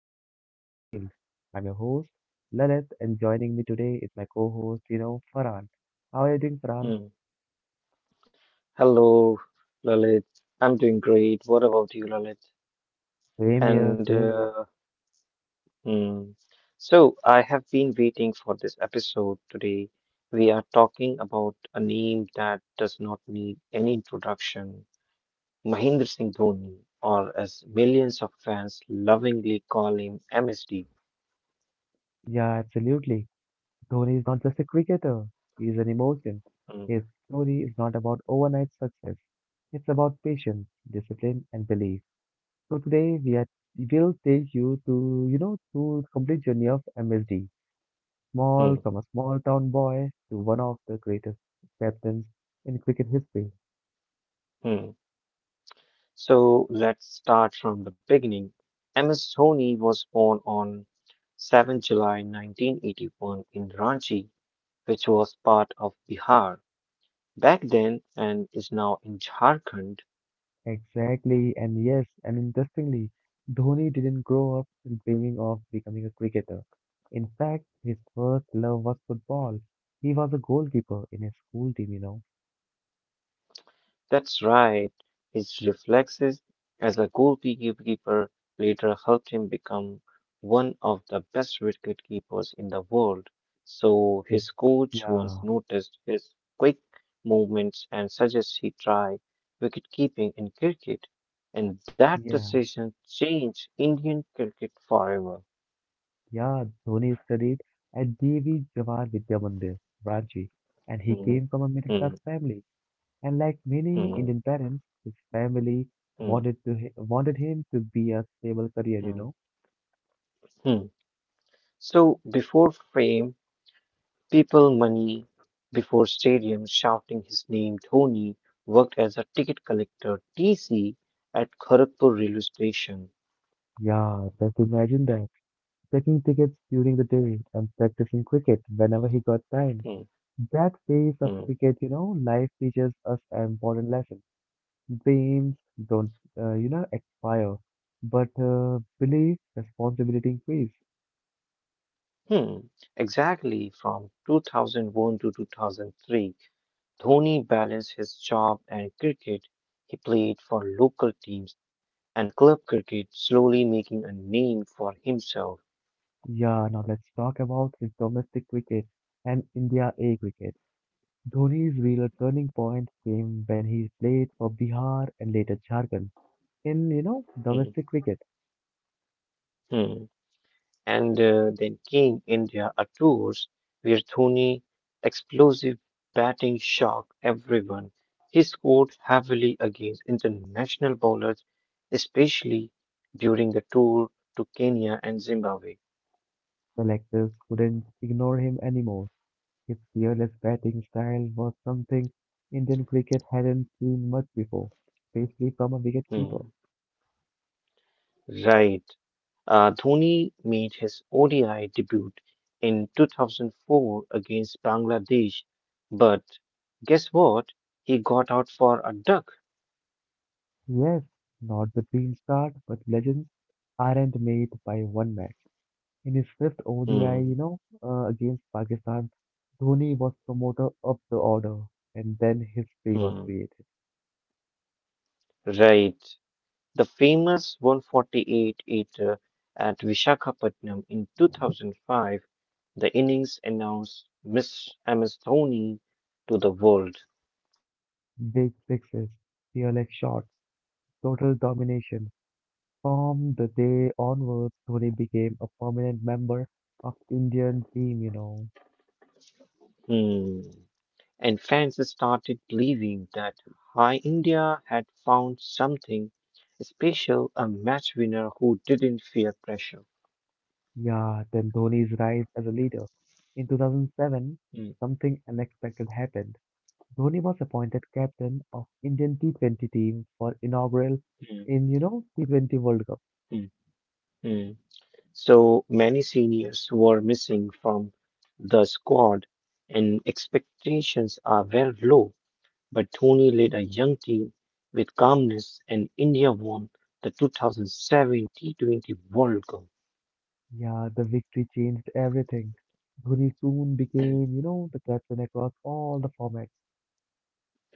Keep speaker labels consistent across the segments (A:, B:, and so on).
A: legends beyond the field. I am your host Lalit. And joining me today is my co-host, Farhan. How are you doing, Farhan?
B: Mm. Hello, Lalit. I'm doing great. What about you, Lalit?
A: Same here,
B: And
A: same here.
B: uh, mm, so I have been waiting for this episode today. We are talking about a name that does not need any introduction, Mahendra Singh Dhoni, or as millions of fans lovingly call him, MSD.
A: Yeah, absolutely. Dhoni is not just a cricketer, he is an emotion.
B: Mm,
A: His story is not about overnight success, it's about patience, discipline, and belief. So today we will take you to you know to the complete journey of MSD, small
B: mm,
A: from a small town boy to one of the greatest captains in cricket history.
B: mm. So let's start from the beginning. MS Dhoni was born on 7 July 1981 in Ranchi, which was part of Bihar back then and is now in Jharkhand.
A: Exactly, and yes, and interestingly, Dhoni didn't grow up dreaming of becoming a cricketer. In fact, his first love was football. He was a goalkeeper in his school team.
B: That's right. His reflexes as a goalkeeper later helped him become one of the best wicketkeepers in the world. So
A: His,
B: his coach once
A: yeah,
B: noticed his quick movements and suggested he try wicketkeeping in cricket. And that
A: yeah,
B: decision changed Indian cricket forever.
A: yeah. Dhoni studied at J V Jawahar Vidya Mandir, Ranchi, and he
B: Mhm,
A: came from a middle class
B: mhm,
A: family. And like many
B: mhm,
A: Indian parents, his family wanted him to be a stable career, you
B: mhm,
A: know.
B: mhm. So before fame, people money before stadiums shouting his name, Dhoni worked as a ticket collector, TC, at Kharagpur railway station.
A: Yeah, just imagine that. Checking tickets during the day and practicing cricket whenever he got time.
B: Hmm,
A: That phase of
B: hmm,
A: cricket, life teaches us an important lesson. Dreams don't expire, but belief, responsibility increase.
B: hmm. Exactly, from 2001 to 2003, Dhoni balanced his job and cricket. He played for local teams and club cricket, slowly making a name for himself.
A: Yeah, now let's talk about his domestic cricket and India A cricket. Dhoni's real turning point came when he played for Bihar and later Jharkhand. In
B: Hmm,
A: domestic cricket,
B: hmm. And then came India Tours, where Dhoni's explosive batting shocked everyone. He scored heavily against international bowlers, especially during the tour to Kenya and Zimbabwe.
A: selectors couldn't ignore him anymore. His fearless batting style was something Indian cricket hadn't seen much before, especially from a wicketkeeper.
B: Hmm, right. Dhoni made his ODI debut in 2004 against Bangladesh, but guess what? He got out for a duck.
A: Yes, not the dream start, but legends aren't made by one match. In his fifth ODI, you
B: Hmm,
A: know, uh, against Pakistan, Dhoni was promoted up the order, and then history was
B: hmm,
A: created.
B: right. The famous 148 eighter at Vishakhapatnam in 2005, the innings announced Miss MS Dhoni to the world.
A: Big sixes, fearless shots, total domination. From the day onwards, Dhoni became a permanent member of Indian team.
B: Hmm. And fans started believing that high India had found something special, a match winner who didn't fear pressure.
A: Yeah, then Dhoni's rise as a leader. In 2007,
B: Hmm,
A: something unexpected happened. Dhoni was appointed captain of Indian T20 team for inaugural
B: hmm,
A: in T20 World Cup.
B: hmm, hmm. So many seniors were missing from the squad and expectations are very low. But Dhoni led a young team with calmness, and India won the 2007 T20 World Cup.
A: Yeah, the victory changed everything. Dhoni soon became, you know, the captain across all the formats.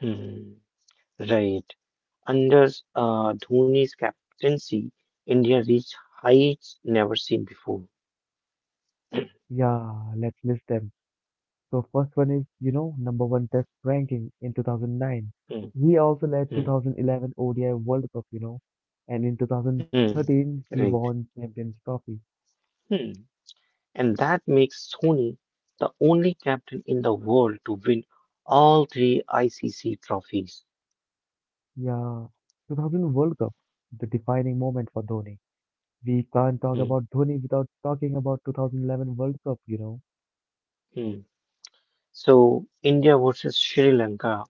B: Hmm, right. Under Dhoni's captaincy, India reached heights never seen before.
A: Yeah, let's list them. So first one is number one test ranking in 2009.
B: Hmm,
A: He also led
B: hmm,
A: 2011 ODI World Cup, and in
B: hmm.
A: 2013 he
B: Right.
A: won Champions Trophy.
B: Hmm. And that makes Dhoni the only captain in the world to win all three ICC trophies.
A: Yeah, 2000 World Cup, the defining moment for Dhoni. We can't talk
B: Hmm,
A: about Dhoni without talking about 2011 World Cup.
B: hmm. So, India versus Sri Lanka.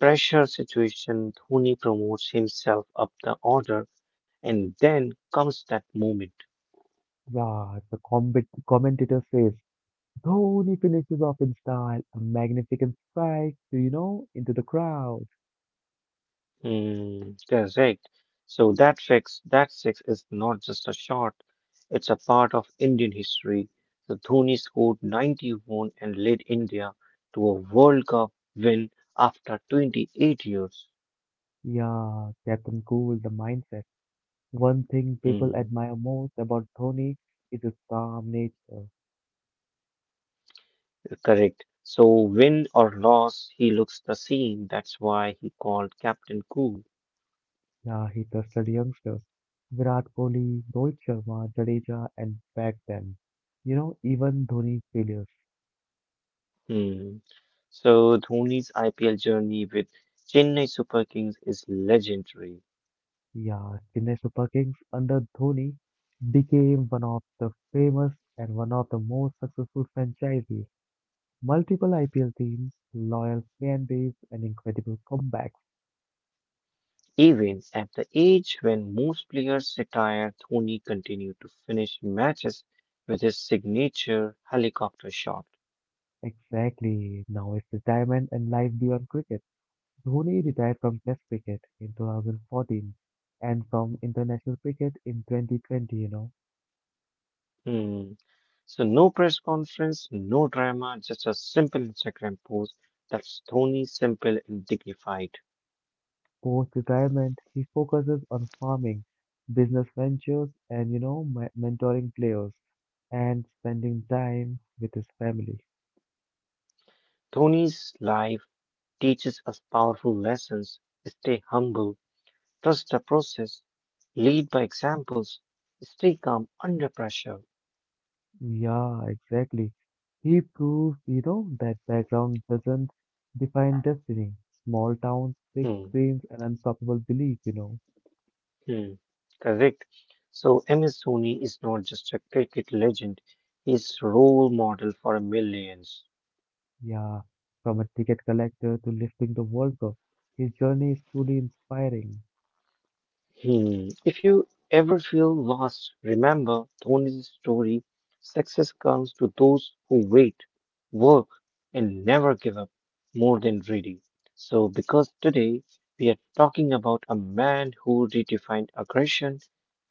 B: Pressure situation, Dhoni promotes himself up the order, and then comes that moment.
A: Yeah, the combat commentator says Dhoni finishes off in style, a magnificent strike, into the crowd.
B: Hmm, correct. So that six is not just a shot; it's a part of Indian history. So Dhoni scored 91 and led India to a World Cup win after 28 years.
A: Yeah, Captain Cool, the mindset. One thing people
B: Hmm,
A: admire most about Dhoni is his calm nature.
B: correct. So win or loss, he looks the same. That's why he called Captain Cool.
A: Yeah, he trusted youngsters. Virat Kohli, Rohit Sharma, Jadeja, and backed them. Even Dhoni's failures.
B: Hmm. So Dhoni's IPL journey with Chennai Super Kings is legendary.
A: Yeah, Chennai Super Kings under Dhoni became one of the famous and one of the most successful franchises. Multiple IPL teams, loyal fan base, and incredible comebacks.
B: Even at the age when most players retire, Dhoni continued to finish matches with his signature helicopter shot.
A: Exactly. Now it's retirement and life beyond cricket. Dhoni retired from Test cricket in 2014 and from international cricket in 2020.
B: Hmm. So no press conference, no drama, just a simple Instagram post. That's Dhoni, simple and dignified.
A: Post-retirement, he focuses on farming, business ventures, and mentoring players and spending time with his family.
B: Dhoni's life teaches us powerful lessons. Stay humble. Trust the process. Lead by examples. Stay calm under pressure.
A: Yeah, exactly. He proved that background doesn't define destiny. Small towns, big
B: Hmm.
A: dreams, and unstoppable belief.
B: Hmm. Correct. So MS Dhoni is not just a cricket legend. He's role model for millions.
A: Yeah, from a ticket collector to lifting the World Cup, his journey is truly inspiring.
B: Hmm. If you ever feel lost, remember Tony's story. Success comes to those who wait, work, and never give up more than reading. So, because today we are talking about a man who redefined aggression,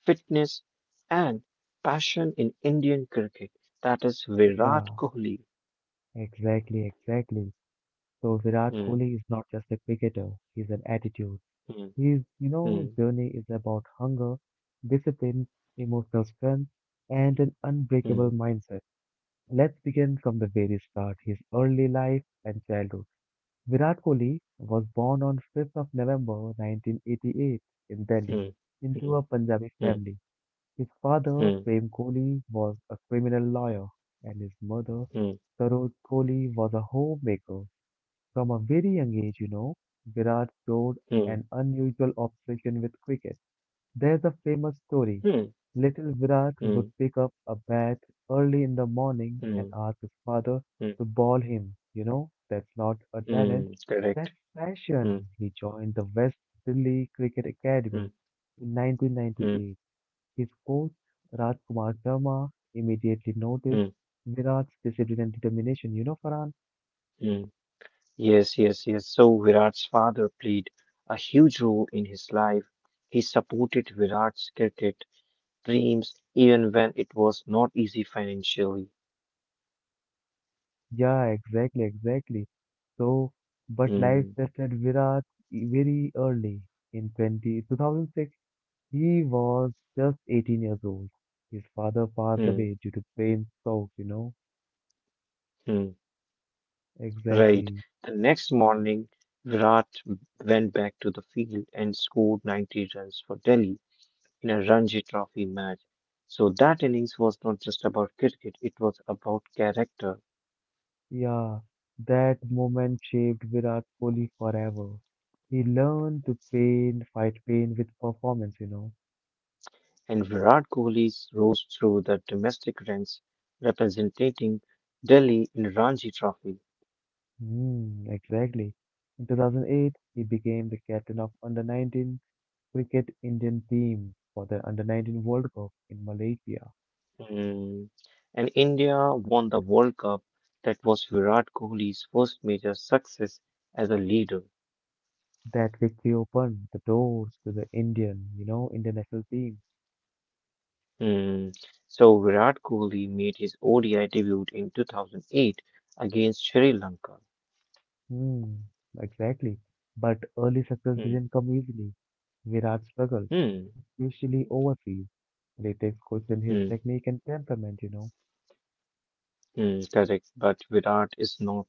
B: fitness, and passion in Indian cricket, that is Virat
A: Yeah,
B: Kohli.
A: exactly, exactly. So Virat
B: Hmm.
A: Kohli is not just a cricketer, he's an attitude.
B: Hmm.
A: His
B: Hmm.
A: journey is about hunger, discipline, emotional strength, and an
B: Hmm.
A: unbreakable mindset. Let's begin from the very start, his early life and childhood. Virat Kohli was born on 5th of November 1988 in Delhi
B: Hmm.
A: into a Punjabi
B: Hmm.
A: family. His father,
B: Hmm.
A: Prem Kohli, was a criminal lawyer, and his mother,
B: Hmm.
A: Saroj Kohli, was a homemaker. From a very young age, Virat showed
B: Hmm. Hmm.
A: an unusual obsession with cricket. There's a famous story.
B: Hmm.
A: Little Virat would
B: Hmm.
A: pick up a bat early in the morning
B: Hmm.
A: and
B: Hmm.
A: ask his father to ball him. That's not a talent,
B: Mm, correct.
A: that's
B: Mm,
A: passion. He joined the West Delhi Cricket Academy
B: mm,
A: in
B: mm,
A: 1998. His coach Rajkumar Sharma immediately noticed
B: mm,
A: Virat's discipline and determination. You know, Farhan?
B: mm. Yes, yes, yes. So Virat's father played a huge role in his life. He supported Virat's cricket dreams even when it was not easy financially.
A: Yeah, exactly, exactly. So, but life
B: Mm,
A: tested Virat very early. In 2006, he was just 18 years old. His father passed
B: mm,
A: away due to brain stroke, you know?
B: mm. Right.
A: Exactly.
B: The next morning, Virat went back to the field and scored 90 runs for Delhi in a Ranji Trophy match. So that innings was not just about cricket, it was about character.
A: Yeah, that moment shaped Virat Kohli forever. He learned to pain, fight pain with performance.
B: And Virat Kohli's rose through the domestic ranks, representing Delhi in Ranji Trophy.
A: Hmm. Exactly. In 2008, he became the captain of under-19 cricket Indian team for the under-19 World Cup in Malaysia.
B: Hmm. And India won the World Cup. That was Virat Kohli's first major success as a leader.
A: That victory opened the doors to the Indian, international team.
B: Hmm. So Virat Kohli made his ODI debut in 2008 against Sri Lanka.
A: Hmm. Exactly. But early success
B: Hmm.
A: didn't come easily. Virat struggled,
B: Hmm.
A: especially overseas. Critics questioned his
B: Hmm.
A: technique and temperament.
B: Hmm. Correct, but Virat is not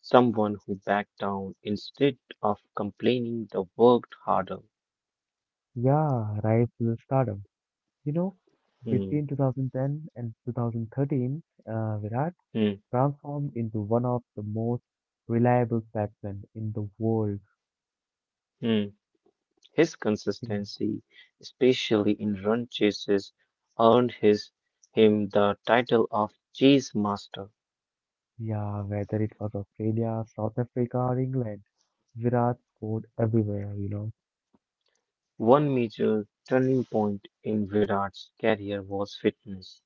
B: someone who backed down; instead of complaining they worked harder.
A: Yeah, rise to the stardom. You know,
B: Mm,
A: between 2010 and 2013, Virat
B: mm,
A: transformed into one of the most reliable batsmen in the world.
B: mm. His
A: Mm.
B: consistency, especially in run chases, earned his him the title of chase master.
A: Yeah, whether it was Australia, South Africa, or England, Virat scored everywhere.
B: One major turning point in Virat's career was fitness.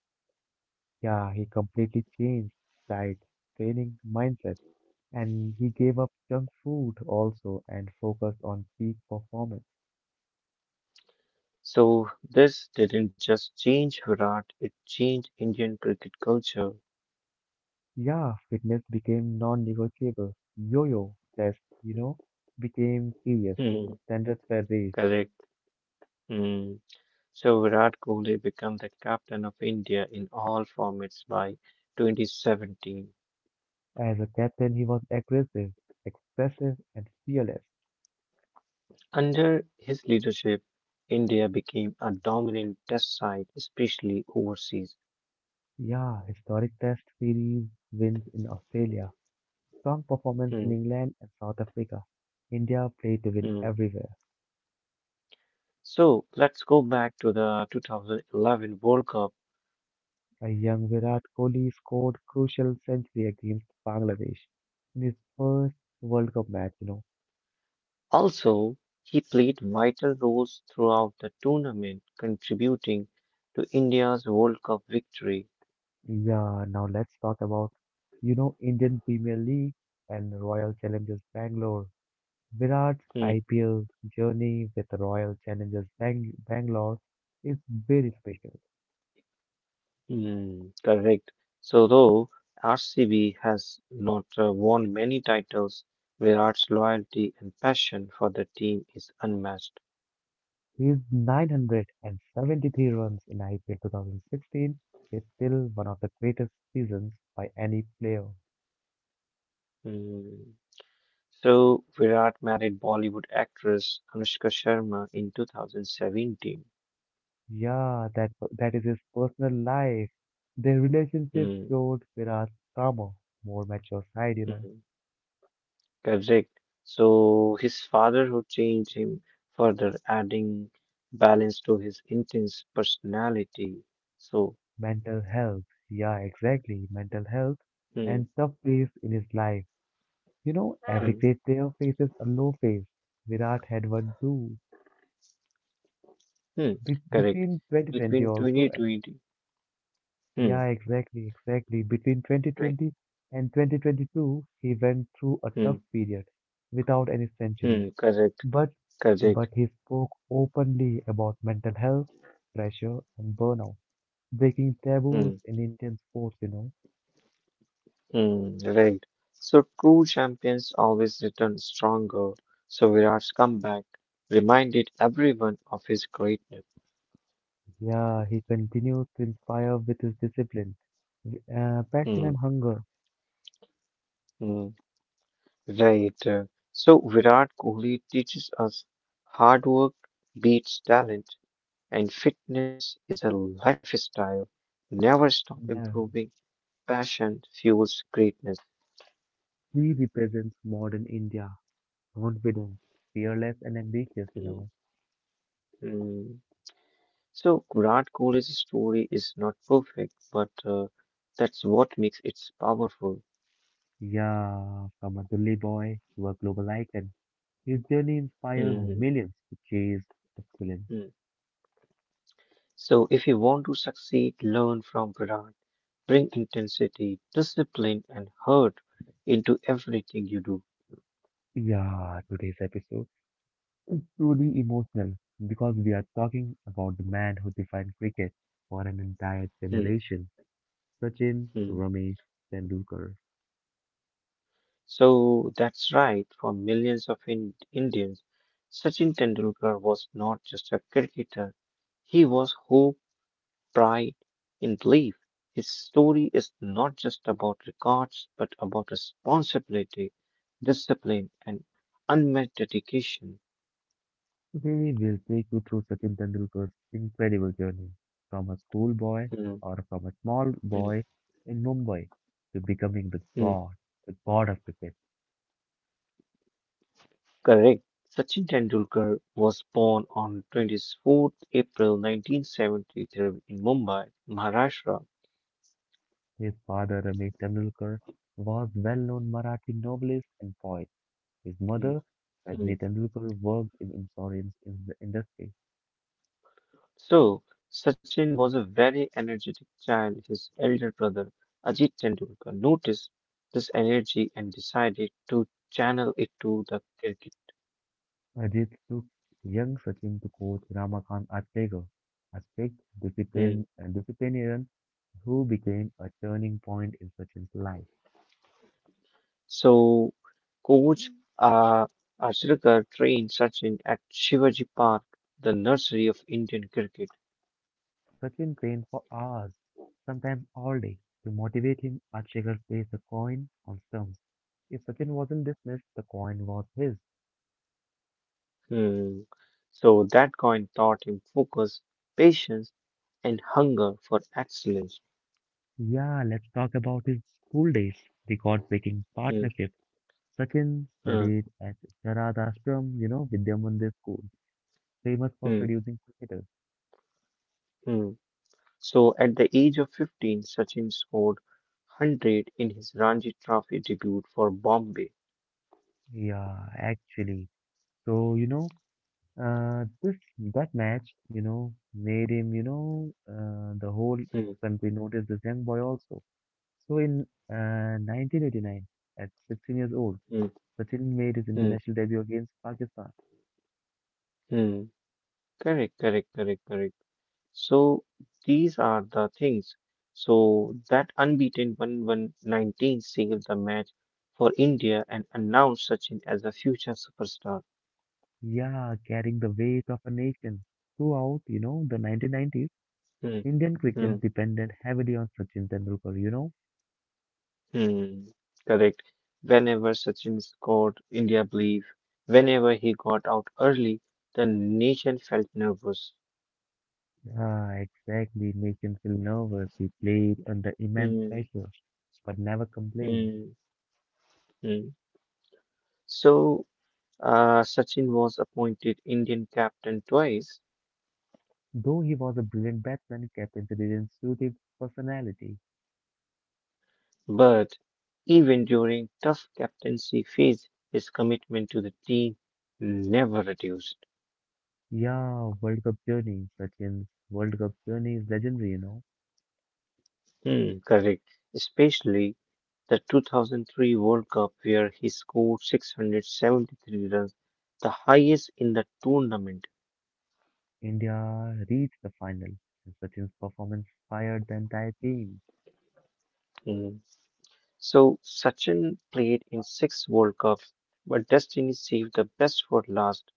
A: Yeah, he completely changed diet, training, mindset, and he gave up junk food also and focused on peak performance.
B: So this didn't just change Virat; it changed Indian cricket culture.
A: Yeah, fitness became non-negotiable. Yo-yo test, became serious.
B: Hmm,
A: Standards were raised.
B: correct. Hmm. So Virat Kohli became the captain of India in all formats by 2017.
A: As a captain, he was aggressive, expressive, and fearless.
B: Under his leadership, India became a dominant test site, especially overseas.
A: Yeah, historic Test series wins in Australia, strong performance
B: Hmm,
A: in England and South Africa. India played to win
B: hmm.
A: everywhere.
B: So let's go back to the 2011 World Cup.
A: A young Virat Kohli scored crucial century against Bangladesh in his first World Cup match.
B: Also, he played vital roles throughout the tournament, contributing to India's World Cup victory.
A: Yeah, now let's talk about Indian Premier League and Royal Challengers Bangalore. Virat's
B: Hmm,
A: IPL journey with Royal Challengers Bangalore is very special.
B: hmm, correct. So, though RCB has not won many titles, Virat's loyalty and passion for the team is unmatched.
A: His 973 runs in IPL 2016 is still one of the greatest seasons by any player.
B: Hmm. So Virat married Bollywood actress Anushka Sharma in 2017.
A: Yeah, that is his personal life. Their relationship
B: Hmm,
A: showed Virat's calmer, more mature side.
B: hmm, correct. So his father, who changed him further, adding balance to his intense personality. So,
A: Mental health. Yeah, exactly. Mental health
B: hmm,
A: and tough place in his life. Every
B: hmm,
A: great player faces a low phase. Virat had one too.
B: hmm, correct.
A: Between
B: Between
A: 2020 also.
B: 2020, hmm,
A: Yeah, exactly, exactly. Between
B: twe-
A: 2020 and 2022, he went through a
B: hmm,
A: tough period without any century.
B: hmm, correct,
A: But
B: correct.
A: but he spoke openly about mental health, pressure, and burnout, breaking taboos
B: Hmm.
A: in Indian sports.
B: Mm, right. So true champions always return stronger. So Virat's comeback reminded everyone of his greatness.
A: Yeah, he continues to inspire with his discipline, passion,
B: Mm,
A: and hunger.
B: mm, right. So Virat Kohli teaches us hard work beats talent, and fitness is a lifestyle. Never stop
A: Yeah.
B: improving. Passion fuels greatness.
A: She represents modern India, confident, fearless and ambitious.
B: Mm, mm. So Virat Kohli's story is not perfect, but that's what makes it powerful.
A: Yeah, from a Delhi boy to a global icon, his journey inspires
B: Mm,
A: millions to chase excellence.
B: mm. So, if you want to succeed, learn from Virat. Bring intensity, discipline, and heart into everything you do.
A: Yeah, today's episode is truly emotional because we are talking about the man who defined cricket for an entire
B: Mm,
A: generation, Sachin
B: mm.
A: Ramesh Tendulkar.
B: So, that's right. For millions of in Indians, Sachin Tendulkar was not just a cricketer, he was hope, pride, and belief. His story is not just about records, but about responsibility, discipline, and unmet dedication.
A: We will take you through Sachin Tendulkar's incredible journey from a schoolboy
B: Mm,
A: or from a small
B: mm,
A: boy in Mumbai to becoming
B: mm.
A: the god of cricket.
B: Correct. Sachin Tendulkar was born on 24th April 1973 in Mumbai, Maharashtra.
A: His father, Ramesh Tendulkar, was well-known Marathi novelist and poet. His
B: Hmm,
A: mother,
B: hmm.
A: Rajni Tendulkar, worked in insurance in the industry.
B: So, Sachin was a very energetic child. His elder brother, Ajit Tendulkar, noticed this energy and decided to channel it to the cricket.
A: Ajit took young Sachin to coach Ramakant Achlegar, a strict
B: Hmm.
A: disciplinarian who became a turning point in Sachin's life.
B: So, coach uh, Ashrekar trained Sachin at Shivaji Park, the nursery of Indian cricket.
A: Sachin trained for hours, sometimes all day. To motivate him, Archegger placed the coin on stumps. If Sachin wasn't dismissed, the coin was his.
B: Hmm. So that coin taught him focus, patience, and hunger for excellence.
A: Yeah, let's talk about his school days. Record-breaking
B: Hmm.
A: partnership. Sachin
B: Hmm.
A: studied at Sharadashram, Vidya Mandir School, famous for
B: Hmm.
A: producing cricketers.
B: Hmm. So at the age of 15, Sachin scored 100 in his Ranji Trophy debut for Bombay.
A: Yeah, actually. So, you know, this that match, made him, the whole
B: Hmm.
A: country noticed this young boy also. So in 1989, at 16 years old,
B: Hmm.
A: Sachin made his
B: Hmm.
A: international debut against Pakistan.
B: Hmm. Correct, correct, correct, correct. So these are the things. So that unbeaten one one nineteen 19 sealed the match for India and announced Sachin as a future superstar.
A: Yeah, carrying the weight of a nation. Throughout the 1990s,
B: Hmm.
A: Indian
B: Hmm.
A: cricket depended heavily on Sachin Tendulkar, you know?
B: Hmm, correct. Whenever Sachin scored, India believed. Whenever he got out early, the nation felt nervous.
A: Ah, exactly. Nation feel nervous. He played under immense
B: Hmm,
A: pressure, but never complained.
B: hmm, hmm. So, Sachin was appointed Indian captain twice,
A: Though he was a brilliant batsman, captaincy didn't suit his personality.
B: but even during tough captaincy phase, his commitment to the team never reduced.
A: Yeah, World Cup journey. Sachin's World Cup journey is legendary.
B: Hmm, correct. Especially the 2003 World Cup, where he scored 673 runs, the highest in the tournament.
A: India reached the final, and Sachin's performance fired the entire team.
B: Mhm. So Sachin played in six World Cups, but destiny saved the best for last.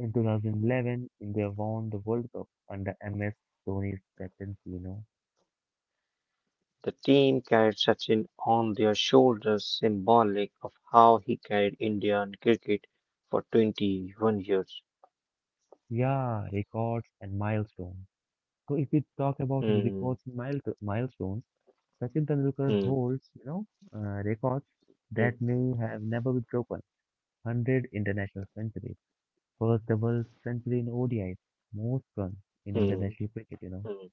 A: In 2011, India won the World Cup under MS Dhoni's captaincy.
B: The team carried Sachin on their shoulders, symbolic of how he carried Indian cricket for 21 years.
A: Yeah, records and milestones. So if we talk about his
B: Hmm,
A: records and milestones, Sachin Tendulkar
B: hmm,
A: holds records
B: hmm,
A: that may have never been broken. 100 international centuries, first double century in ODI, most runs in
B: hmm,
A: international cricket.
B: hmm.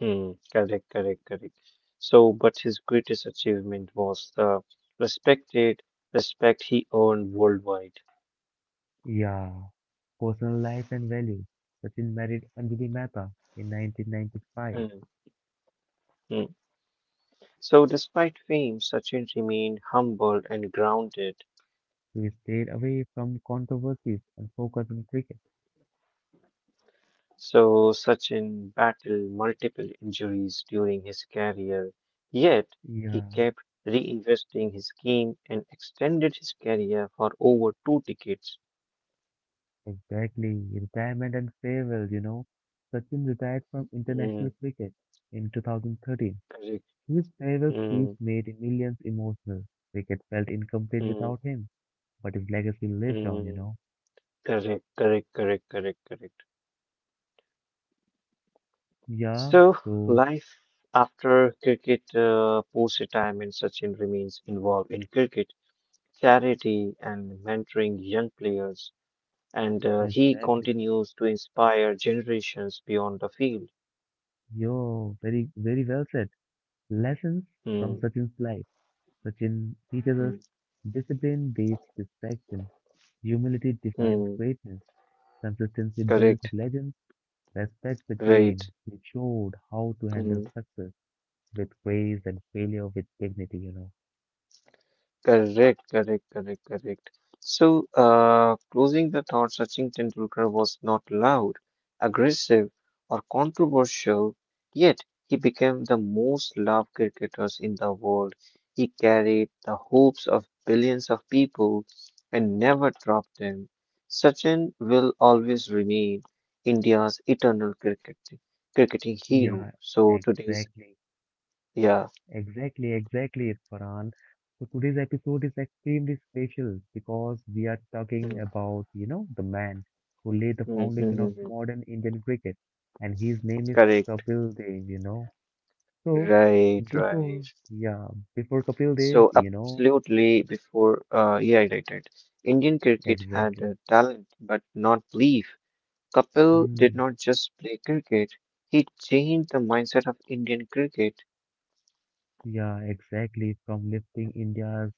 B: Hmm, correct, correct, correct. So, but his greatest achievement was the respected respect he earned worldwide.
A: Yeah, personal life and values. Sachin married Anjali Mehta in 1995.
B: Hmm, hmm. So, despite fame, Sachin remained humble and grounded.
A: He stayed away from controversies and focused on cricket.
B: So, Sachin battled multiple injuries during his career, yet he
A: Yeah,
B: kept reinvesting his game and extended his career for over two decades.
A: exactly. Retirement and farewell. Sachin retired from
B: Hmm,
A: international cricket in 2013.
B: correct.
A: His farewell speech
B: Hmm,
A: made millions emotional. Cricket felt incomplete
B: hmm,
A: without him, but his legacy lived on, you
B: hmm.
A: know.
B: Correct, correct, correct, correct, correct.
A: Yeah,
B: So,
A: so
B: life after cricket, post-retirement, Sachin remains involved in cricket, charity, and mentoring young players, and he
A: exactly.
B: continues to inspire generations beyond the field.
A: Yo, very, very well said. Lessons from
B: Hmm,
A: Sachin's life. Sachin teaches
B: hmm,
A: us discipline beats distraction, humility defines
B: hmm.
A: greatness, consistency builds
B: Correct,
A: legends, respect the
B: right.
A: game. He showed how to handle
B: Hmm.
A: success with grace and failure with dignity.
B: Correct, correct, correct, correct. So, closing the thought, Sachin Tendulkar was not loud, aggressive, or controversial, yet he became the most loved cricketers in the world. He carried the hopes of billions of people and never dropped them. Sachin will always remain India's eternal cricketing hero.
A: Yeah,
B: So today's,
A: exactly.
B: yeah.
A: Exactly, exactly, Farhan. So today's episode is extremely special because we are talking
B: Mm,
A: about the man who laid the
B: mm, mm,
A: foundation of
B: mm, mm.
A: modern Indian cricket, and his name is
B: Correct.
A: Kapil Dev. So
B: Right,
A: before,
B: right.
A: yeah, before Kapil Dev,
B: So absolutely, before he irritated. Indian cricket had
A: exactly.
B: talent but not belief. Kapil did
A: Hmm,
B: not just play cricket, he changed the mindset of Indian cricket.
A: yeah, exactly. From lifting India's,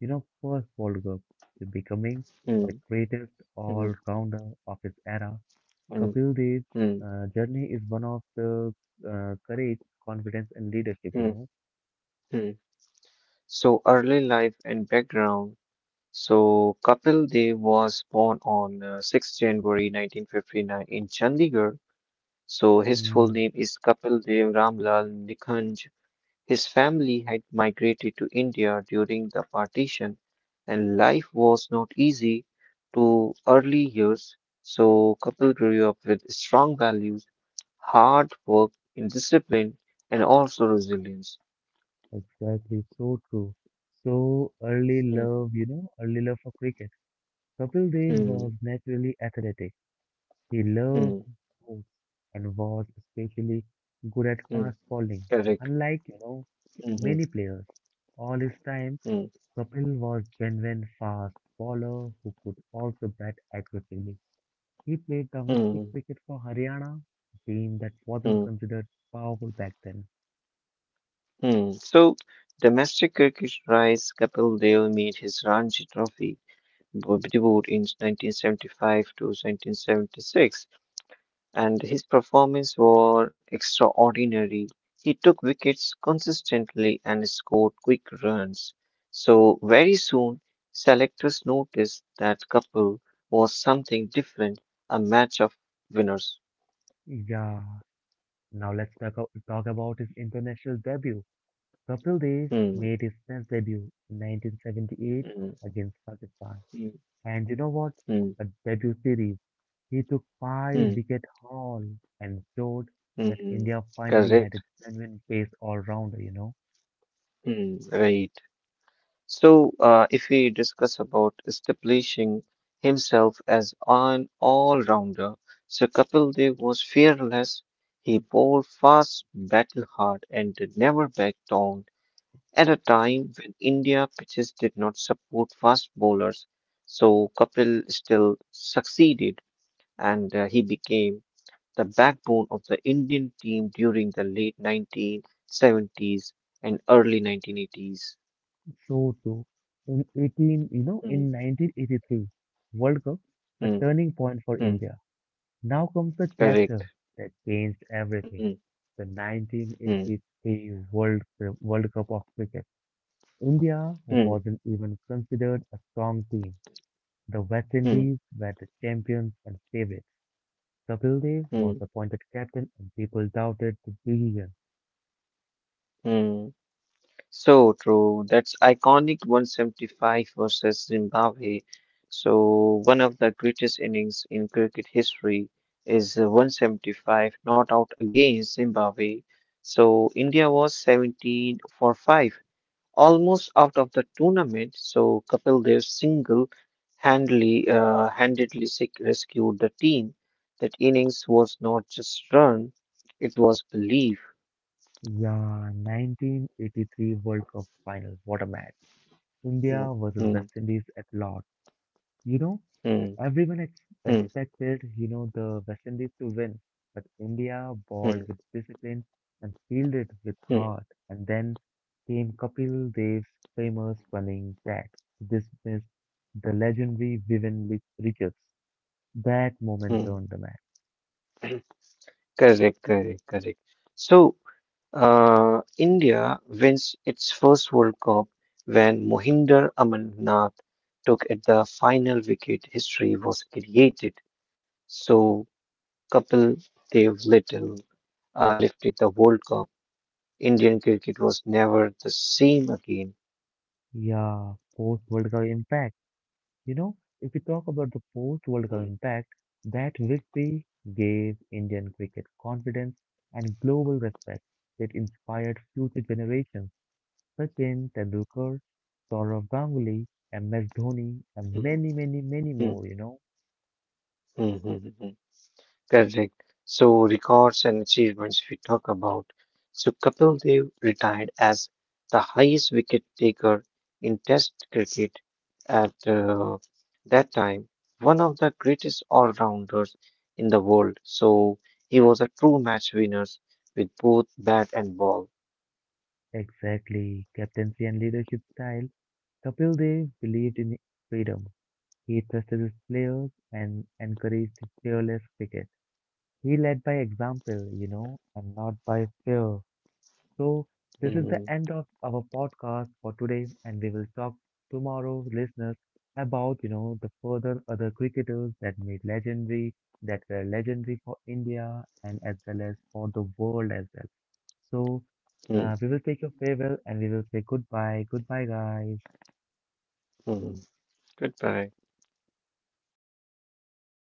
A: you know, first World Cup to becoming
B: Mm,
A: the greatest
B: mm,
A: all-rounder of his era,
B: mm,
A: Kapil Dev's
B: mm,
A: journey is one of the courage, confidence, and leadership, you
B: mm,
A: know.
B: mm. So early life and background. So Kapil Dev was born on 6 January 1959 in Chandigarh. So his full
A: Hmm,
B: name is Kapil Dev Ramlal Nikhanj. His family had migrated to India during the partition, and life was not easy to early years. So Kapil grew up with strong values, hard work, and discipline, and also resilience.
A: exactly, so true. So early
B: Mm,
A: love, you know, early love for cricket. Kapil Dev
B: mm,
A: was naturally athletic. He loved
B: mm,
A: sports and was especially good at
B: mm,
A: fast bowling.
B: correct.
A: Unlike
B: Mhm,
A: many players, all his time,
B: mm,
A: Kapil was genuine fast bowler who could also bat aggressively. He played domestic
B: mm,
A: cricket for Haryana, a team that wasn't
B: mm,
A: considered powerful back then.
B: mm. So domestic cricket rise, Kapil Dev made his Ranji Trophy debut in 1975 to 1976. And his performance were extraordinary. He took wickets consistently and scored quick runs. So very soon, selectors noticed that Kapil was something different, a match of winners.
A: Yeah, now let's talk about his international debut. Kapil Dev
B: Hmm,
A: made his Test debut in 1978
B: hmm,
A: against Pakistan.
B: hmm,
A: And you know what?
B: hmm,
A: A debut series. He took five
B: hmm,
A: wicket haul and showed that
B: hmm.
A: India finally had a
B: Correct.
A: genuine pace all-rounder.
B: Hmm, right. So, if we discuss about establishing himself as an all-rounder, so Kapil Dev was fearless. He bowled fast, battled hard, and did never backed down at a time when India pitches did not support fast bowlers. So Kapil still succeeded, and he became the backbone of the Indian team during the late 1970s and early 1980s.
A: So true. In 18, you know,
B: Mm,
A: in 1983 World Cup, a
B: mm,
A: turning point for
B: mm.
A: India. Now comes the
B: Correct.
A: chapter that changed
B: Mm,
A: everything. The
B: mm,
A: 1983 World Cup of cricket. India
B: mm,
A: wasn't even considered a strong team. The West
B: mm,
A: Indies were the champions and favorites. Kapil Dev was
B: mm,
A: appointed captain, and people doubted the decision.
B: mm. So true. That's iconic 175 versus Zimbabwe. So one of the greatest innings in cricket history is 175 not out against Zimbabwe. So India was 17 for 5, almost out of the tournament. So Kapil Dev single handedly rescued the team. That innings was not just run, it was belief.
A: Yeah, 1983 World Cup final. What a match!
B: Hmm,
A: India versus
B: hmm,
A: West Indies at Lord. You know,
B: hmm,
A: everyone ex
B: hmm,
A: expected, the West Indies to win, but India bowled
B: hmm,
A: with discipline and fielded with
B: hmm,
A: heart. And then came Kapil Dev's famous running catch to dismiss the legendary Vivian Richards. That moment
B: hmm.
A: turned the match.
B: Correct, correct, correct. So, India wins its first World Cup when Mohinder Amarnath took at the final wicket. History was created. So, Kapil Dev Little. Lifted the World Cup, Indian cricket was never the same again.
A: Yeah, post-World Cup impact. You know, if we talk about the post World Cup
B: Mm,
A: impact, that victory gave Indian cricket confidence and global respect. It inspired future generations. Sachin Tendulkar, Saurav Ganguly, MS Dhoni, and
B: mm,
A: many, many, many
B: mm, mm,
A: more.
B: mm, mm. Mm. Correct. So, records and achievements we talk about. So, Kapil Dev retired as the highest wicket taker in Test cricket at that time, one of the greatest all rounders in the world. So, he was a true match winner with both bat and ball.
A: Exactly. Captaincy and leadership style. Kapil Dev believed in freedom. He trusted his players and encouraged fearless cricket. He led by example, and not by fear. So, this is the
B: Mm,
A: end of our podcast for today, and we will talk tomorrow, listeners, about the further other cricketers that were legendary for India and as well as for the world as well. So,
B: mm,
A: we will take your farewell and we will say goodbye, goodbye, guys.
B: mm. Goodbye.